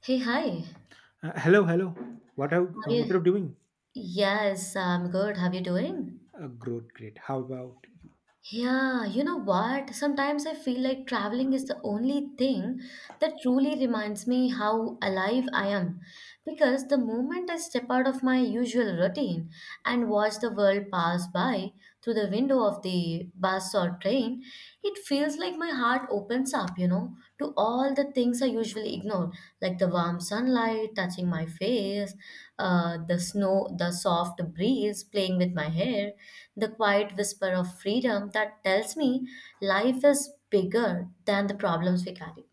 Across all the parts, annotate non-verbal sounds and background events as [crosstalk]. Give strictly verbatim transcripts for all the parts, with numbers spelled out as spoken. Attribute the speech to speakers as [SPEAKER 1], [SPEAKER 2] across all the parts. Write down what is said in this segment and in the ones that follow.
[SPEAKER 1] Hey, hi.
[SPEAKER 2] Uh, hello, hello. What are
[SPEAKER 1] How
[SPEAKER 2] uh,
[SPEAKER 1] are
[SPEAKER 2] what
[SPEAKER 1] you?
[SPEAKER 2] are you doing?
[SPEAKER 1] Yes, I'm good. How are you doing?
[SPEAKER 2] Uh, great, great. How about...
[SPEAKER 1] Yeah, you know what? Sometimes I feel like traveling is the only thing that truly reminds me how alive I am. Because the moment I step out of my usual routine and watch the world pass by through the window of the bus or train, it feels like my heart opens up, you know, to all the things I usually ignore, like the warm sunlight touching my face, uh, the snow, the soft breeze playing with my hair, the quiet whisper of freedom that tells me life is bigger than the problems we carry.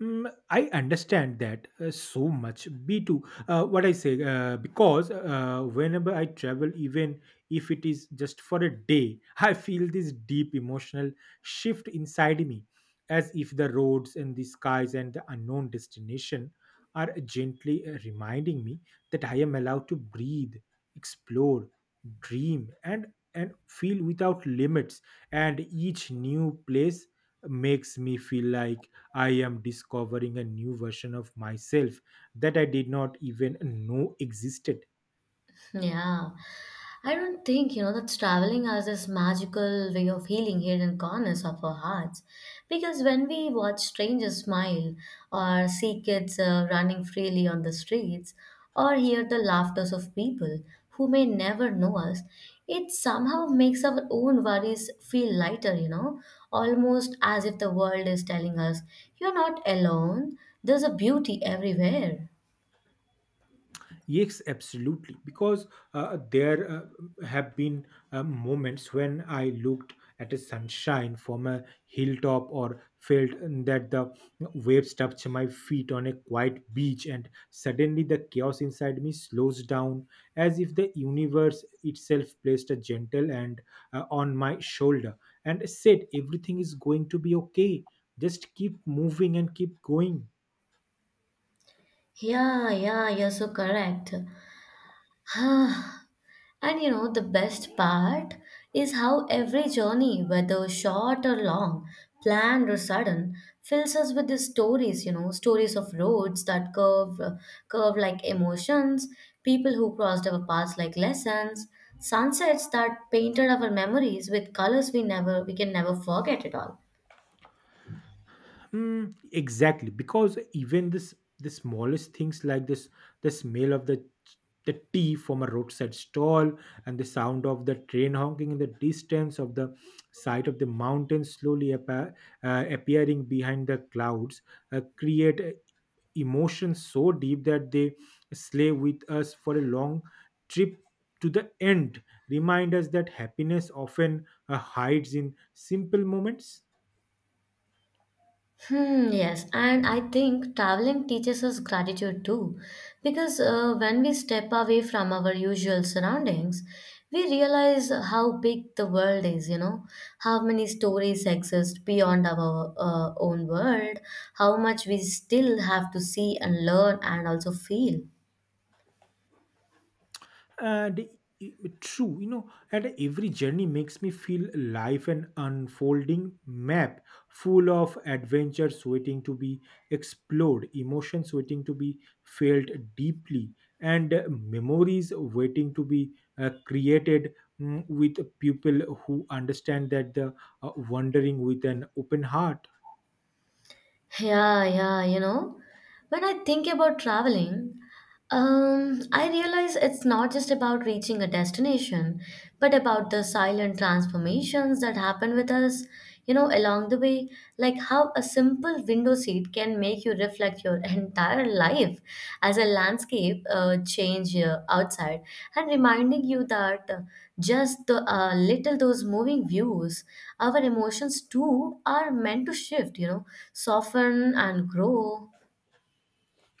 [SPEAKER 2] Mm, I understand that uh, so much. B two, uh, what I say, uh, because uh, whenever I travel, even if it is just for a day, [laughs] I feel this deep emotional shift inside me, as if the roads and the skies and the unknown destination are gently uh, reminding me that I am allowed to breathe, explore, dream, and and feel without limits. And each new place makes me feel like I am discovering a new version of myself that I did not even know existed.
[SPEAKER 1] Yeah. I don't think, you know, that traveling has this magical way of healing hidden corners of our hearts. Because when we watch strangers smile, or see kids uh, running freely on the streets, or hear the laughters of people who may never know us, it somehow makes our own worries feel lighter, you know, almost as if the world is telling us, you're not alone, there's a beauty everywhere.
[SPEAKER 2] Yes, absolutely. Because uh, there uh, have been uh, moments when I looked at a sunshine from a hilltop or felt uh, that the waves touched my feet on a quiet beach, and suddenly the chaos inside me slows down as if the universe itself placed a gentle hand uh, on my shoulder and said, "Everything is going to be okay. Just keep moving and keep going."
[SPEAKER 1] Yeah, yeah, you're so correct. [sighs] And you know, the best part is how every journey, whether short or long, planned or sudden, fills us with these stories, you know, stories of roads that curve, curve like emotions, people who crossed our paths like lessons, sunsets that painted our memories with colors we never, we can never forget at all.
[SPEAKER 2] Mm, exactly, because even this, the smallest things like this, the smell of the the tea from a roadside stall and the sound of the train honking in the distance, of the sight of the mountains slowly appa- uh, appearing behind the clouds uh, create uh, emotions so deep that they slay with us for a long trip to the end, remind us that happiness often uh, hides in simple moments.
[SPEAKER 1] Hmm, yes, and I think traveling teaches us gratitude too, because uh, when we step away from our usual surroundings, we realize how big the world is, you know, how many stories exist beyond our uh, own world, how much we still have to see and learn and also feel.
[SPEAKER 2] and i- True, you know, and every journey makes me feel life an unfolding map full of adventures waiting to be explored, emotions waiting to be felt deeply, and uh, memories waiting to be uh, created, mm, with people who understand that the uh, wandering with an open heart.
[SPEAKER 1] Yeah, yeah, you know, when I think about traveling, Um, I realize it's not just about reaching a destination, but about the silent transformations that happen with us, you know, along the way. Like how a simple window seat can make you reflect your [laughs] entire life as a landscape uh, change uh, outside, and reminding you that uh, just the uh, little those moving views, our emotions too are meant to shift, you know, soften and grow.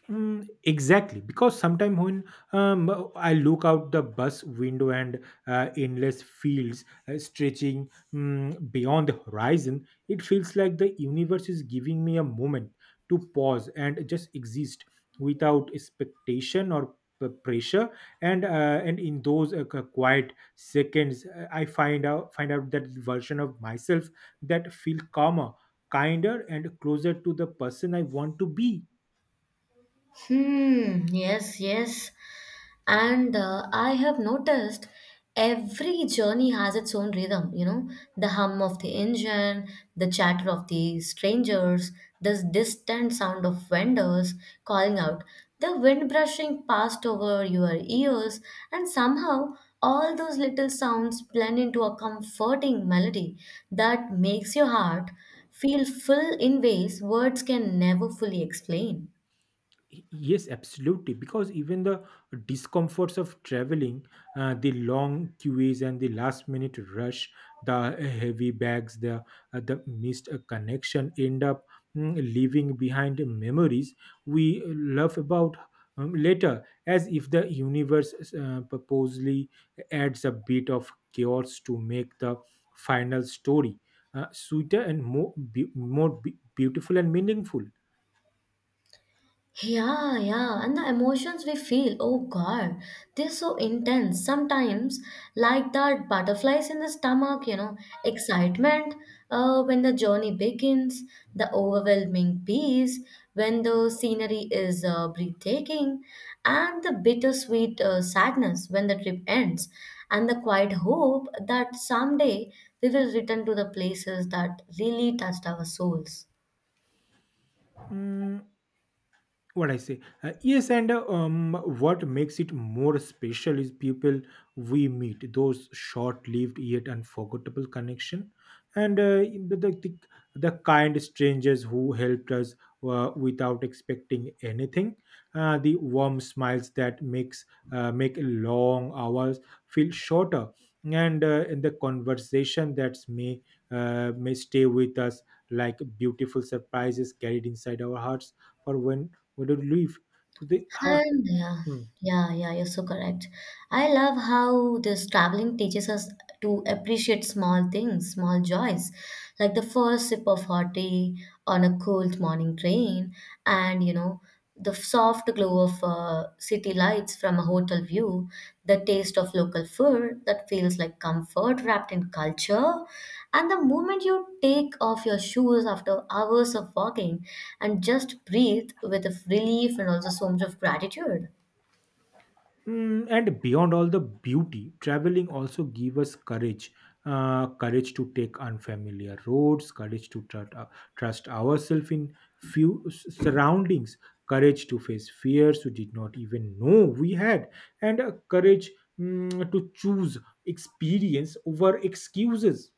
[SPEAKER 2] Mm, exactly, because sometimes when, um, I look out the bus window and uh, endless fields uh, stretching, mm, beyond the horizon, it feels like the universe is giving me a moment to pause and just exist without expectation or p- pressure. And uh, and in those uh, qu- quiet seconds, uh, I find out find out that version of myself that feel calmer, kinder, and closer to the person I want to be.
[SPEAKER 1] Hmm, yes, yes. And uh, I have noticed every journey has its own rhythm, you know, the hum of the engine, the chatter of the strangers, the distant sound of vendors calling out, the wind brushing past over your ears, and somehow all those little sounds blend into a comforting melody that makes your heart feel full in ways words can never fully explain.
[SPEAKER 2] Yes, absolutely. Because even the discomforts of traveling, uh, the long queues and the last minute rush, the uh, heavy bags, the uh, the missed uh, connection end up, mm, leaving behind memories we love about, um, later, as if the universe uh, purposely adds a bit of chaos to make the final story uh, sweeter and more be- more be- beautiful and meaningful.
[SPEAKER 1] Yeah, yeah, and the emotions we feel, oh God, they're so intense. Sometimes, like that butterflies in the stomach, you know, excitement uh, when the journey begins, the overwhelming peace when the scenery is uh, breathtaking, and the bittersweet uh, sadness when the trip ends, and the quiet hope that someday we will return to the places that really touched our souls.
[SPEAKER 2] Mm, what I say. Uh, yes, and uh, um, what makes it more special is people we meet, those short-lived yet unforgettable connection, and uh, the, the the the kind strangers who helped us uh, without expecting anything, uh, the warm smiles that makes uh, make long hours feel shorter, and, uh, and the conversation that may uh, may stay with us like beautiful surprises carried inside our hearts for when we don't live to the heart.
[SPEAKER 1] And yeah,
[SPEAKER 2] Hmm.
[SPEAKER 1] yeah, yeah, you're so correct. I love how this traveling teaches us to appreciate small things, small joys, like the first sip of hot tea on a cold morning train, and you know, the soft glow of a uh, city lights from a hotel view, the taste of local food that feels like comfort wrapped in culture, and the moment you take off your shoes after hours of walking and just breathe with a relief and also so much of gratitude.
[SPEAKER 2] Mm, and beyond all the beauty, traveling also give us courage, uh, courage to take unfamiliar roads, courage to tr- uh, trust ourselves in few s- surroundings, courage to face fears we did not even know we had, and uh, courage, mm, to choose experience over excuses.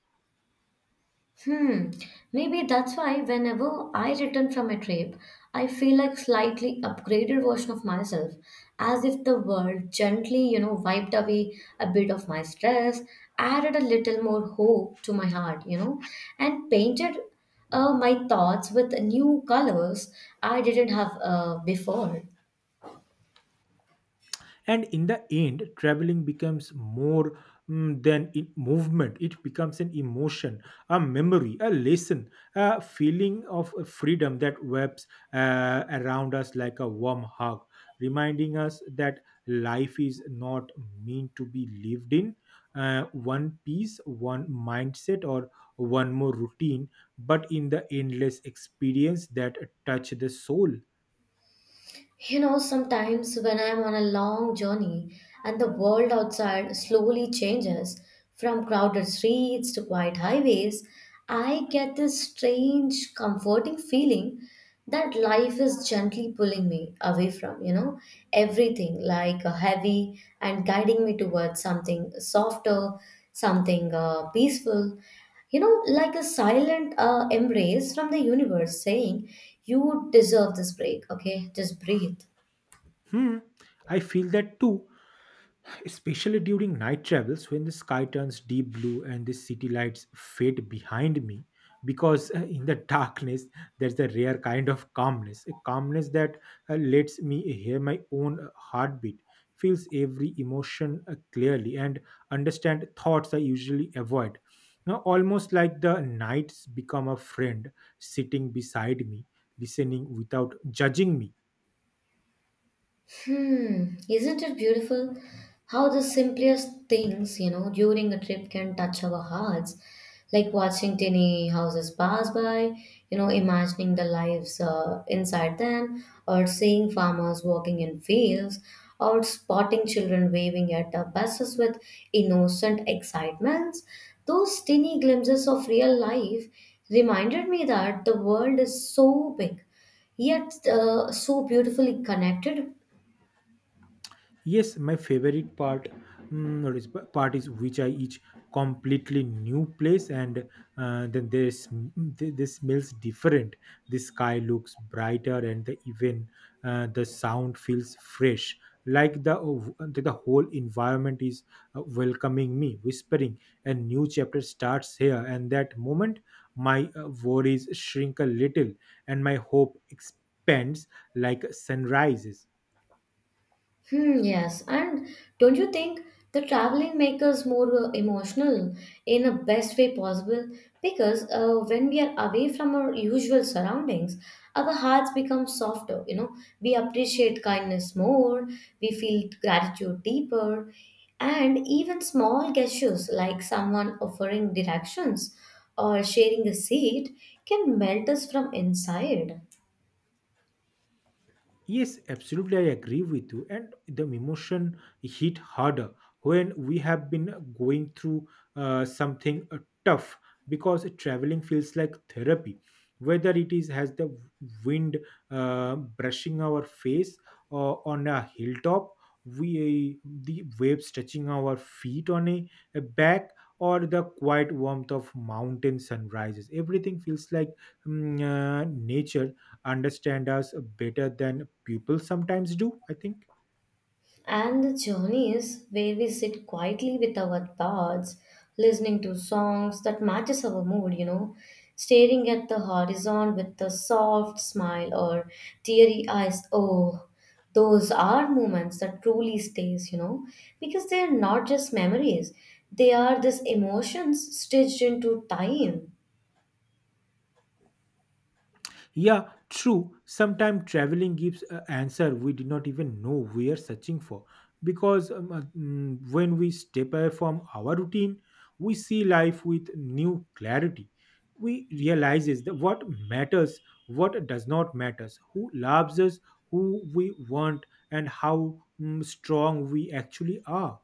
[SPEAKER 1] Hmm, maybe that's why whenever I return from a trip, I feel like slightly upgraded version of myself, as if the world gently, you know, wiped away a bit of my stress, added a little more hope to my heart, you know, and painted uh, my thoughts with new colors I didn't have uh, before.
[SPEAKER 2] And in the end traveling becomes more, mm, than in movement. It becomes an emotion, a memory, a lesson, a feeling of freedom that webs uh, around us like a warm hug, reminding us that life is not meant to be lived in uh, one piece, one mindset, or one more routine, but in the endless experience that touch the soul.
[SPEAKER 1] You know, sometimes when I'm on a long journey and the world outside slowly changes from crowded streets to quiet highways, I get this strange, comforting feeling that life is gently pulling me away from, you know, everything like a heavy and guiding me towards something softer, something uh, peaceful, you know, like a silent uh, embrace from the universe saying, you deserve this break, okay? Just breathe.
[SPEAKER 2] Hmm, I feel that too, especially during night travels when the sky turns deep blue and the city lights fade behind me, because uh, in the [laughs] darkness there's a rare kind of calmness, a calmness that uh, lets me hear my own uh, heartbeat, feels every emotion uh, clearly, and understand thoughts I usually avoid. Now almost like the nights become a friend sitting beside me, listening without judging me.
[SPEAKER 1] Hmm, isn't it beautiful how the simplest things, you know, during a trip can touch our hearts? Like watching tiny houses pass by, you know, imagining the lives uh, inside them, or seeing farmers walking in fields, or spotting children waving at the buses with innocent excitements. Those tiny glimpses of real life reminded me that the world is so big, yet uh, so beautifully connected.
[SPEAKER 2] Yes, my favorite part, mm, what is part is which I each completely new place, and uh, then this this smells different. The sky looks brighter, and the even uh, the sound feels fresh. Like the the the whole environment is uh, welcoming me, whispering, "A new chapter starts here." And that moment, my uh, worries shrink a little, and my hope expands like sunrises.
[SPEAKER 1] Hmm, yes, and don't you think the traveling makes us more uh, emotional in the best way possible? Because uh, when we are away from our usual surroundings, our hearts become softer. You know, we appreciate kindness more, we feel gratitude deeper, and even small gestures like someone offering directions or sharing a seat can melt us from inside.
[SPEAKER 2] Yes, absolutely. I agree with you. And the emotion hit harder when we have been going through uh, something uh, tough, because traveling feels like therapy. Whether it is has the wind uh, brushing our face or on a hilltop, we the waves touching our feet on a, a back, or the quiet warmth of mountain sunrises, everything feels like, mm, uh, nature understand us better than people sometimes do, I think.
[SPEAKER 1] And the journeys where we sit quietly with our thoughts, listening to songs that matches our mood, you know, staring at the horizon with a soft smile or teary eyes. Oh, those are moments that truly stays, you know, because they are not just memories. They are these emotions stitched into time.
[SPEAKER 2] Yeah, true. Sometimes traveling gives an answer we did not even know we are searching for, because um, uh, mm, when we step away from our routine we see life with new clarity. We realizes that what matters, what does not matters, who loves us, who we want, and how, mm, strong we actually are.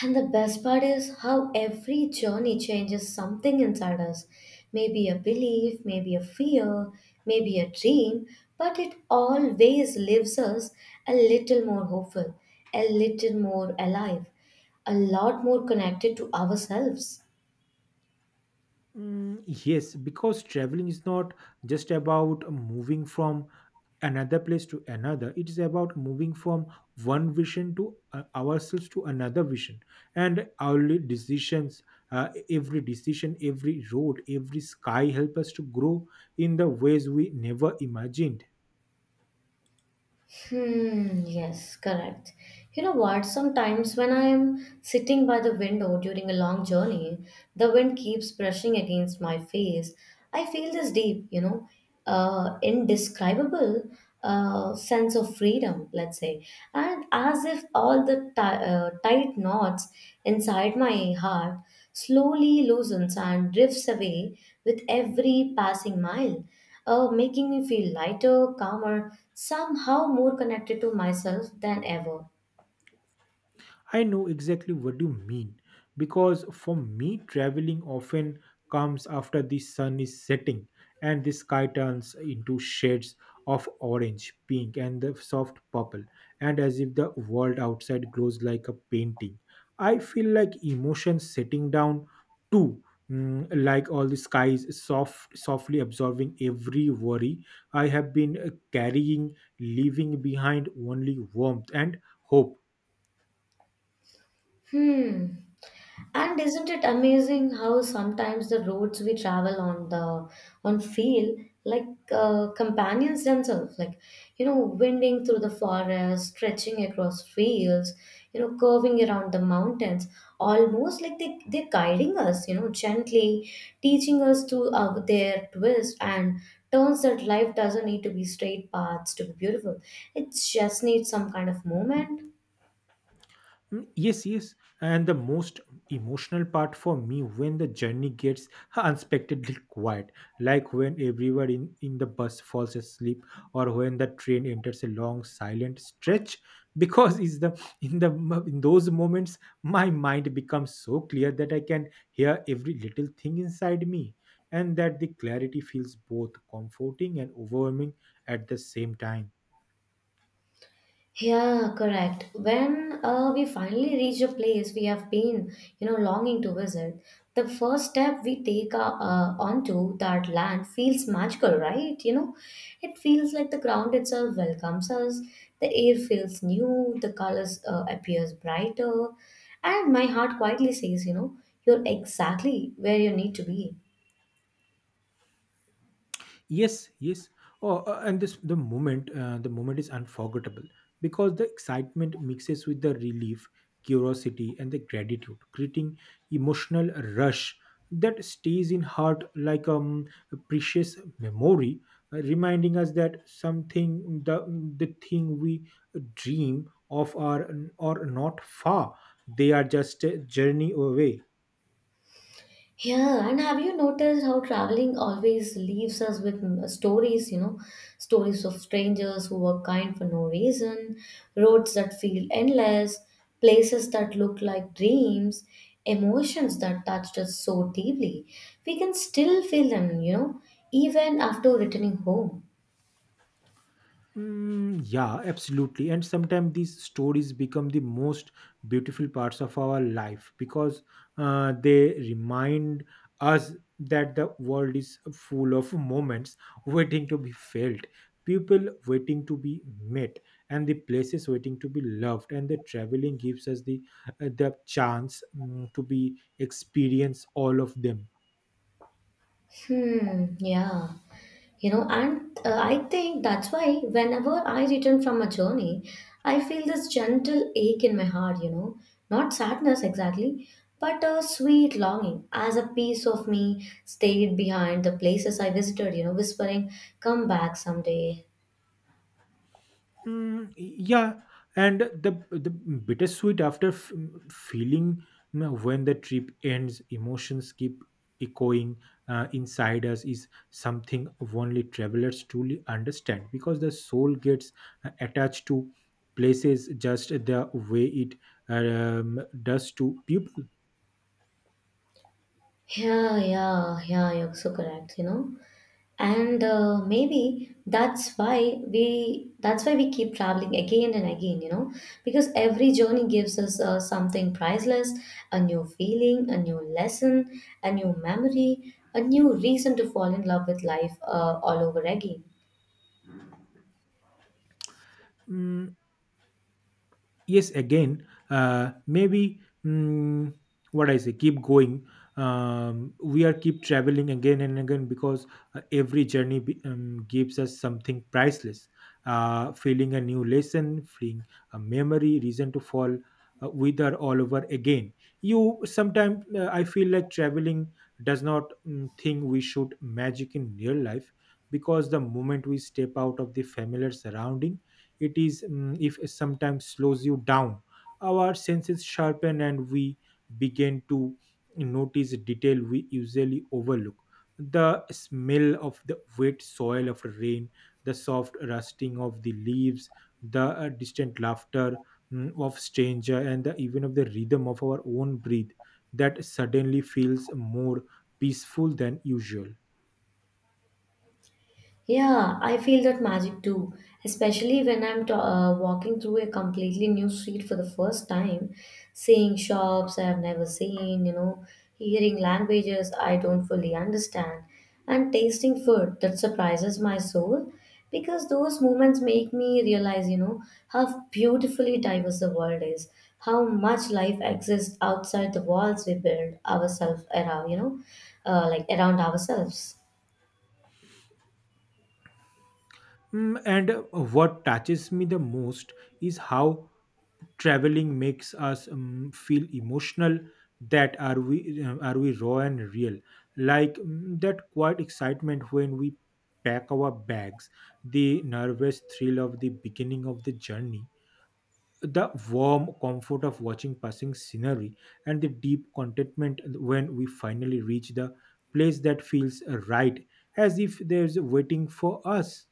[SPEAKER 1] And the best part is how every journey changes something inside us. Maybe a belief, maybe a fear, maybe a dream, but it always leaves us a little more hopeful, a little more alive, a lot more connected to ourselves.
[SPEAKER 2] Mm, yes, because traveling is not just about moving from another place to another. It is about moving from one vision to, uh, ourselves, to another vision. And our li- decisions, uh, every decision, every road, every sky help us to grow in the ways we never imagined.
[SPEAKER 1] Hmm, yes, correct. You know what? Sometimes when I am sitting by the window during a long journey, the wind keeps brushing against my face. I feel this deep, you know, uh, indescribable uh, sense of freedom, let's say. And as if all the ti uh, tight knots inside my heart slowly loosens and drifts away with every passing mile uh, making me feel lighter, calmer, somehow more connected to myself than ever.
[SPEAKER 2] I know exactly what you mean, because for me, traveling often comes after the sun is setting and the sky turns into shades of orange, pink, and the soft purple, and as if the world outside glows like a painting. I feel like emotions setting down too. Mm, like all the skies soft softly absorbing every worry I have been uh, carrying, leaving behind only warmth and hope.
[SPEAKER 1] Hmm. And isn't it amazing how sometimes the roads we travel on the on feel like uh, companions themselves, like you know, winding through the forest, stretching across fields, you know, curving around the mountains, almost like they they're guiding us, you know, gently teaching us to uh, their twist and turns that life doesn't need to be straight paths to be beautiful. It just needs some kind of moment.
[SPEAKER 2] Mm, yes, yes. And the most emotional part for me when the journey gets unexpectedly quiet, like when everyone in, in the bus falls asleep or when the train enters a long silent stretch, because is the, in the mo- in those moments my mind becomes so clear that I can hear every little thing inside me, and that the clarity feels both comforting and overwhelming at the same time.
[SPEAKER 1] Yeah, correct. When uh, we finally reach a place we have been, you know, longing to visit, the first step we take uh, uh, onto that land feels magical, right? You know, it feels like the ground itself welcomes us. The air feels new. The colors uh, appears brighter, and my heart quietly says, you know, you're exactly where you need to be.
[SPEAKER 2] Yes, yes. Oh, uh, and this the moment uh, The moment is unforgettable because the excitement mixes with the relief, curiosity, and the gratitude, creating emotional rush that stays in heart like, um, a precious memory, uh, reminding us that something the the thing we dream of are are not far; they are just a journey away.
[SPEAKER 1] Yeah, and have you noticed how traveling always leaves us with mm, stories, you know, stories of strangers who were kind for no reason, roads that feel endless, places that look like dreams, emotions that touched us so deeply. We can still feel them, you know, even after returning home.
[SPEAKER 2] Mm, yeah, absolutely. And sometimes these stories become the most beautiful parts of our life, because uh, they remind us that the world is full of moments waiting to be felt, people waiting to be met, and the places waiting to be loved. And the traveling gives us the, uh, the chance, mm, to be experience all of them.
[SPEAKER 1] Hmm, yeah. You know and uh, I think that's why whenever I return from a journey I feel this gentle ache in my heart, you know, not sadness exactly, but a sweet longing as a piece of me stayed behind the places I visited, you know, whispering come back someday.
[SPEAKER 2] Mm, yeah, and the the bittersweet after f- feeling, mm, when the trip ends, emotions keep echoing uh, inside us is something only travelers truly understand, because the soul gets uh, attached to places just the way it, um, does to people.
[SPEAKER 1] Yeah, yeah, yeah, you're so correct, you know, and uh, maybe that's why we that's why we keep traveling again and again, you know, because every journey gives us uh, something priceless, a new feeling, a new lesson, a new memory, a new reason to fall in love with life uh, all over again.
[SPEAKER 2] Mm, yes, again, uh, maybe, mm, what I say, keep going. Um, we are keep traveling again and again because uh, every journey be, um, gives us something priceless, uh, feeling, a new lesson, feeling, a memory, reason to fall uh, with her all over again. You sometimes, uh, I feel like traveling does not, mm, think we should magic in real life, because the moment we step out of the familiar surrounding, it is, mm, if sometimes slows you down, our senses sharpen, and we begin to notice detail we usually overlook: the smell of the wet soil of rain, the soft rusting of the leaves, the uh, distant laughter, mm, of stranger, and the, even of the rhythm of our own breath that suddenly feels more peaceful than usual.
[SPEAKER 1] Yeah, I feel that magic too, especially when I'm t- uh, walking through a completely new street for the first time, seeing shops I've never seen, you know, hearing languages I don't fully understand, and tasting food that surprises my soul because those moments make me realize, you know, how beautifully diverse the world is, how much life exists outside the walls we build ourselves around, you know, uh, like around ourselves.
[SPEAKER 2] Mm, and uh, what touches me the most is how traveling makes us, um, feel emotional that are we, uh, are we raw and real, like, mm, that quiet excitement when we pack our bags, the nervous thrill of the beginning of the journey, the warm comfort of watching passing scenery, and the deep contentment when we finally reach the place that feels right, as if there's waiting for us.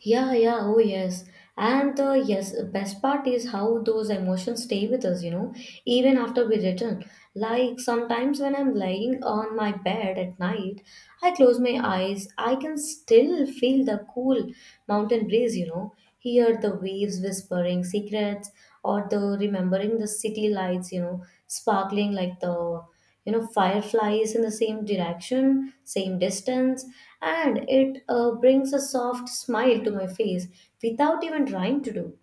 [SPEAKER 1] Yeah, yeah, oh yes. And uh, yes, best part is how those emotions stay with us, you know, even after we return. Like sometimes when I'm lying on my bed at night, I close my eyes, I can still feel the cool mountain breeze, you know, hear the waves whispering secrets, or the remembering the city lights, you know, sparkling like the you know fireflies in the same direction same distance, and it uh, brings a soft smile to my face without even trying to do.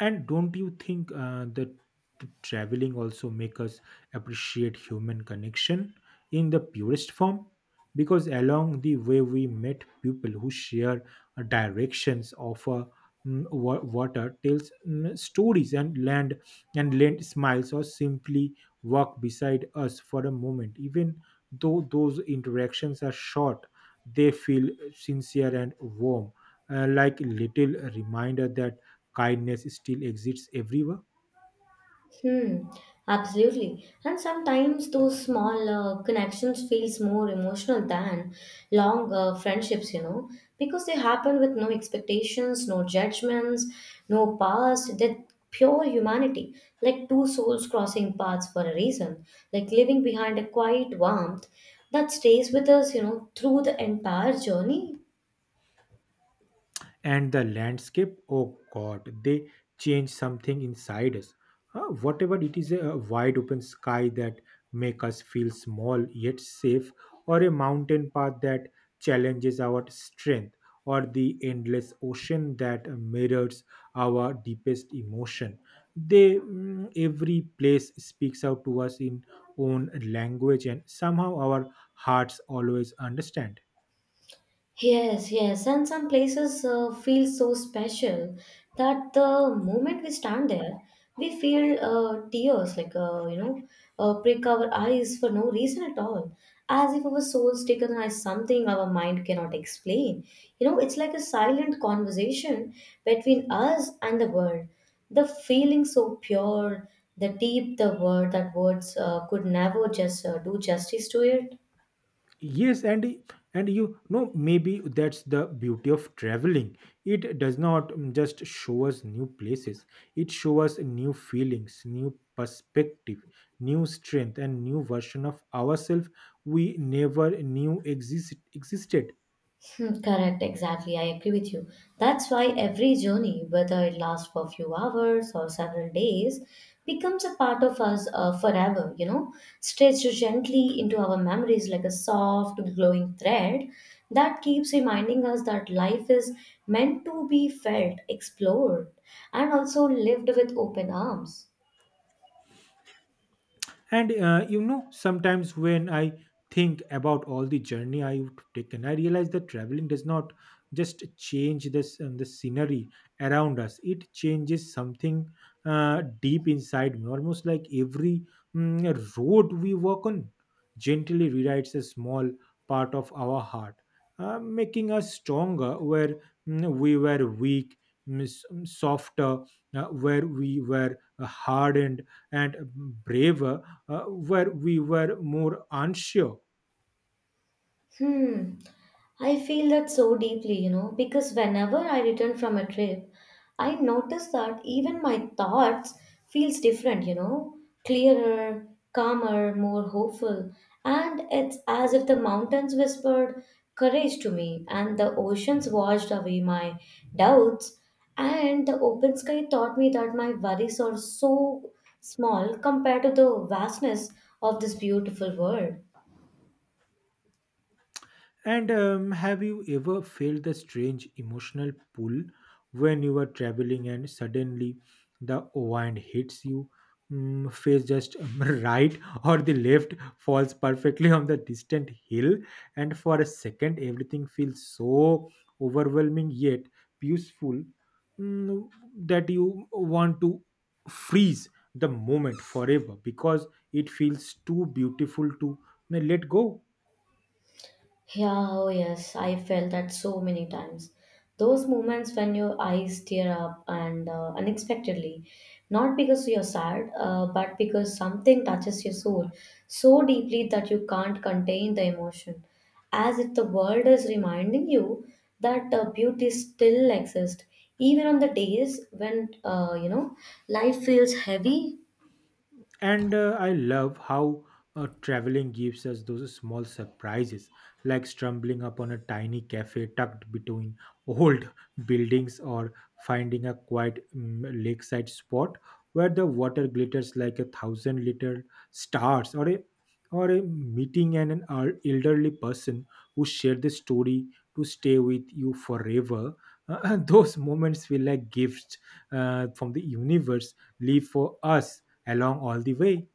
[SPEAKER 2] And don't you think, uh, that t- traveling also make us appreciate human connection in the purest form, because along the way we met people who share uh, directions of a water, tells, mm, stories and land, and lend smiles or simply walk beside us for a moment. Even though those interactions are short, they feel sincere and warm, uh, like little reminder that kindness still exists everywhere.
[SPEAKER 1] Hmm, absolutely. And sometimes those small uh, connections feels more emotional than long uh, friendships, you know, because they happen with no expectations, no judgments, no past. That pure humanity, like two souls crossing paths for a reason, like leaving behind a quiet warmth that stays with us, you know, through the entire journey.
[SPEAKER 2] And the landscape, oh god, they change something inside us. Uh, whatever it is, a wide open sky that make us feel small yet safe, or a mountain path that challenges our strength, or the endless ocean that mirrors our deepest emotion. They mm, every place speaks out to us in own language, and somehow our hearts always understand.
[SPEAKER 1] Yes, yes, and some places uh, feel so special that the moment we stand there, we feel uh, tears like uh, you know, uh, prick our eyes for no reason at all, as if our souls taken as something our mind cannot explain. You know, it's like a silent conversation between us and the world. The feeling so pure, the deep the word that words uh, could never just uh, do justice to it.
[SPEAKER 2] Yes, and and you know, maybe that's the beauty of traveling. It does not mm, just show us new places. It shows us new feelings, new perspective, new strength, and new version of ourselves we never knew exist, existed.
[SPEAKER 1] Hmm, correct, exactly. I agree with you. That's why every journey, whether it lasts for a few hours or several days, becomes a part of us uh, forever, you know, stretched gently into our memories like a soft, glowing thread that keeps reminding us that life is meant to be felt, explored, and also lived with open arms.
[SPEAKER 2] And uh, you know, sometimes when I think about all the journey I've taken, I realize that traveling does not just change this um, the scenery around us. It changes something uh, deep inside me, almost like every mm, road we walk on gently rewrites a small part of our heart, uh, making us stronger where mm, we were weak, mm, s- mm, softer uh, where we were uh, hardened, and braver uh, where we were more unsure.
[SPEAKER 1] Hmm. I feel that so deeply, you know, because whenever I return from a trip, I notice that even my thoughts feels different, you know, clearer, calmer, more hopeful, and it's as if the mountains whispered courage to me and the oceans washed away my doubts and the open sky taught me that my worries are so small compared to the vastness of this beautiful world.
[SPEAKER 2] And um, have you ever felt the strange emotional pull when you were traveling and suddenly the wind hits you? Mm, face just um, [laughs] right or the left falls perfectly on the distant hill, and for a second, everything feels so overwhelming yet peaceful, mm, that you want to freeze the moment forever because it feels too beautiful to uh, let go.
[SPEAKER 1] Yeah, oh yes, I felt that so many times. Those moments when your eyes tear up and uh, unexpectedly, not because you're sad, uh, but because something touches your soul so deeply that you can't contain the emotion. As if the world is reminding you that uh, beauty still exists, even on the days when uh, you know life feels heavy.
[SPEAKER 2] And uh, I love how uh, traveling gives us those small surprises, like stumbling upon a tiny cafe tucked between old [laughs] buildings, or finding a quiet um, lakeside spot where the water glitters like a thousand little stars, or a or a meeting and an el- elderly person who shared the story to stay with you forever. [laughs] Those moments feel like gifts uh, from the universe, live for us along all the way.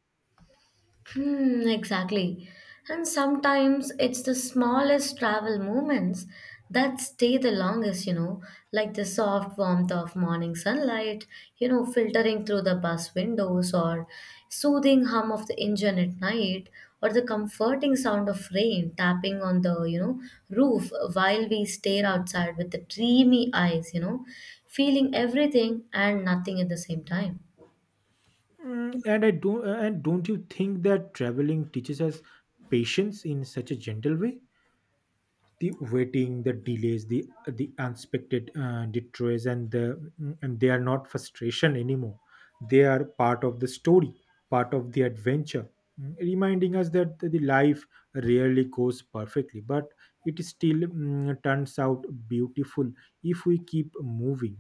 [SPEAKER 1] Hmm, exactly. And sometimes it's the smallest travel moments that stay the longest, you know, like the soft warmth of morning sunlight, you know, filtering through the bus windows, or soothing hum of the engine at night, or the comforting sound of rain tapping on the, you know, roof while we stare outside with the dreamy eyes, you know, feeling everything and nothing at the same time.
[SPEAKER 2] Mm, and I do, and don't you think that traveling teaches us patience in such a gentle way? The waiting, the delays, the the unexpected uh, detours, and the mm, and they are not frustration anymore. They are part of the story, part of the adventure, mm, reminding us that the life rarely goes perfectly, but it still mm, turns out beautiful if we keep moving.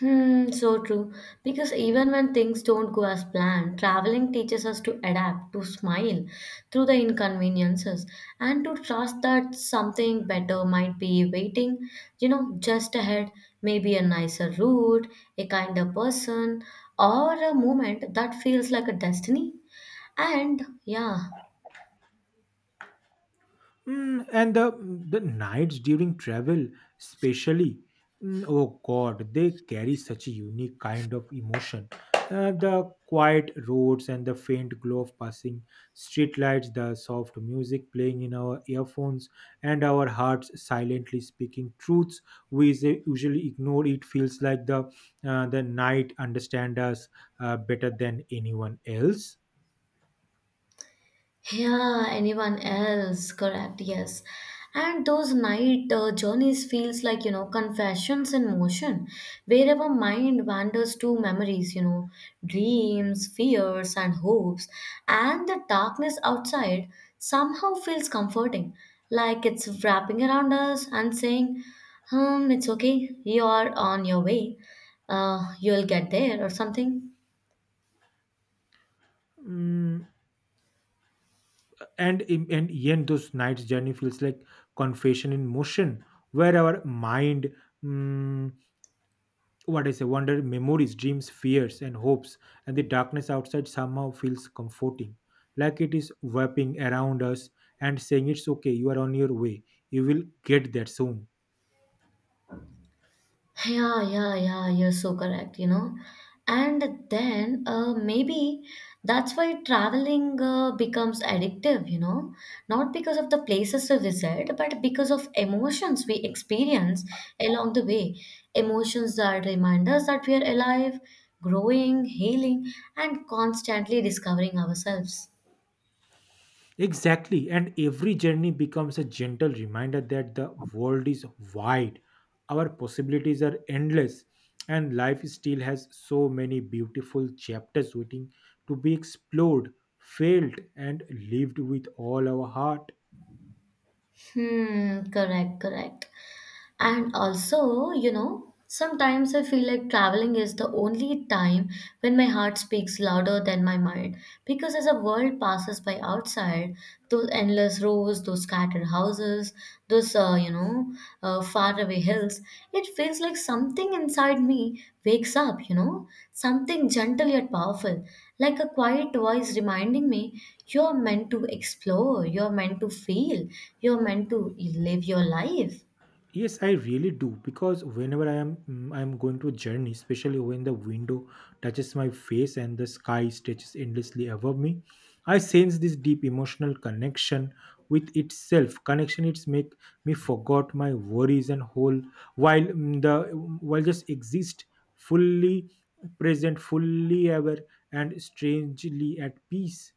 [SPEAKER 1] Hmm, so true. Because even when things don't go as planned, traveling teaches us to adapt, to smile through the inconveniences, and to trust that something better might be waiting, you know, just ahead. Maybe a nicer route, a kinder person, or a moment that feels like a destiny. And yeah,
[SPEAKER 2] Mm, and the the nights during travel, especially, mm, oh God, they carry such a unique kind of emotion. Uh, the quiet roads and the faint glow of passing streetlights, the soft music playing in our earphones, and our hearts silently speaking truths we s- usually ignore. It feels like the uh, the night understand us uh, better than anyone else.
[SPEAKER 1] yeah, anyone else? Correct, yes. And those night uh, journeys feels like, you know, confessions in motion, wherever mind wanders to memories, you know, dreams, fears, and hopes, and the darkness outside somehow feels comforting, like it's wrapping around us and saying, um, it's okay, you are on your way, uh, you'll get there or something.
[SPEAKER 2] Mm, and in- and yen those nights journey feels like confession in motion, where our mind mm, what I say wonder memories, dreams, fears, and hopes, and the darkness outside somehow feels comforting, like it is wrapping around us and saying, it's okay, you are on your way, you will get there soon.
[SPEAKER 1] Yeah, yeah, yeah, you're so correct, you know. And then uh, maybe that's why traveling uh, becomes addictive, you know, not because of the places we visit, but because of emotions we experience along the way. Emotions that remind us that we are alive, growing, healing, and constantly discovering ourselves.
[SPEAKER 2] Exactly. And every journey becomes a gentle reminder that the world is wide, our possibilities are endless, and life still has so many beautiful chapters waiting to be explored, felt, and lived with all our heart.
[SPEAKER 1] Hmm, correct, correct. And also, you know, sometimes I feel like traveling is the only time when my heart speaks louder than my mind. Because as the world passes by outside, those endless rows, those scattered houses, those, uh, you know, uh, faraway hills, it feels like something inside me wakes up, you know, something gentle yet powerful, like a quiet voice reminding me you're meant to explore, you're meant to feel, you're meant to live your life.
[SPEAKER 2] Yes, I really do, because whenever I am mm, I am going to a journey, especially when the window touches my face and the sky stretches endlessly above me, I sense this deep emotional connection with itself. Connection it's make me forgot my worries and whole while mm, the mm, while just exist fully present, fully aware, and strangely at peace.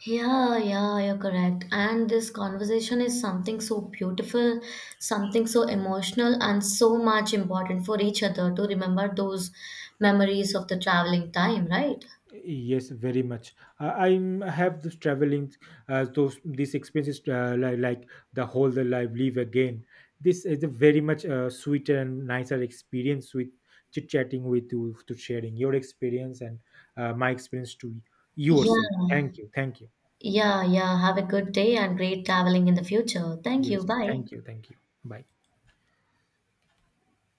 [SPEAKER 1] Yeah, yeah, you're correct. And this conversation is something so beautiful, something so emotional, and so much important for each other to remember those memories of the traveling time, right?
[SPEAKER 2] Yes, very much. Uh, I'm- I have this traveling, uh, those these experiences uh, like, like the whole the life live again. This is a very much uh, sweeter and nicer experience with chit chatting with you, to sharing your experience and uh, my experience to yourself.
[SPEAKER 1] Yeah,
[SPEAKER 2] Thank you, thank you.
[SPEAKER 1] yeah, yeah. Have a good day and great traveling in the future. Thank
[SPEAKER 2] Yes,
[SPEAKER 1] you. Bye.
[SPEAKER 2] thank you, thank you. Bye.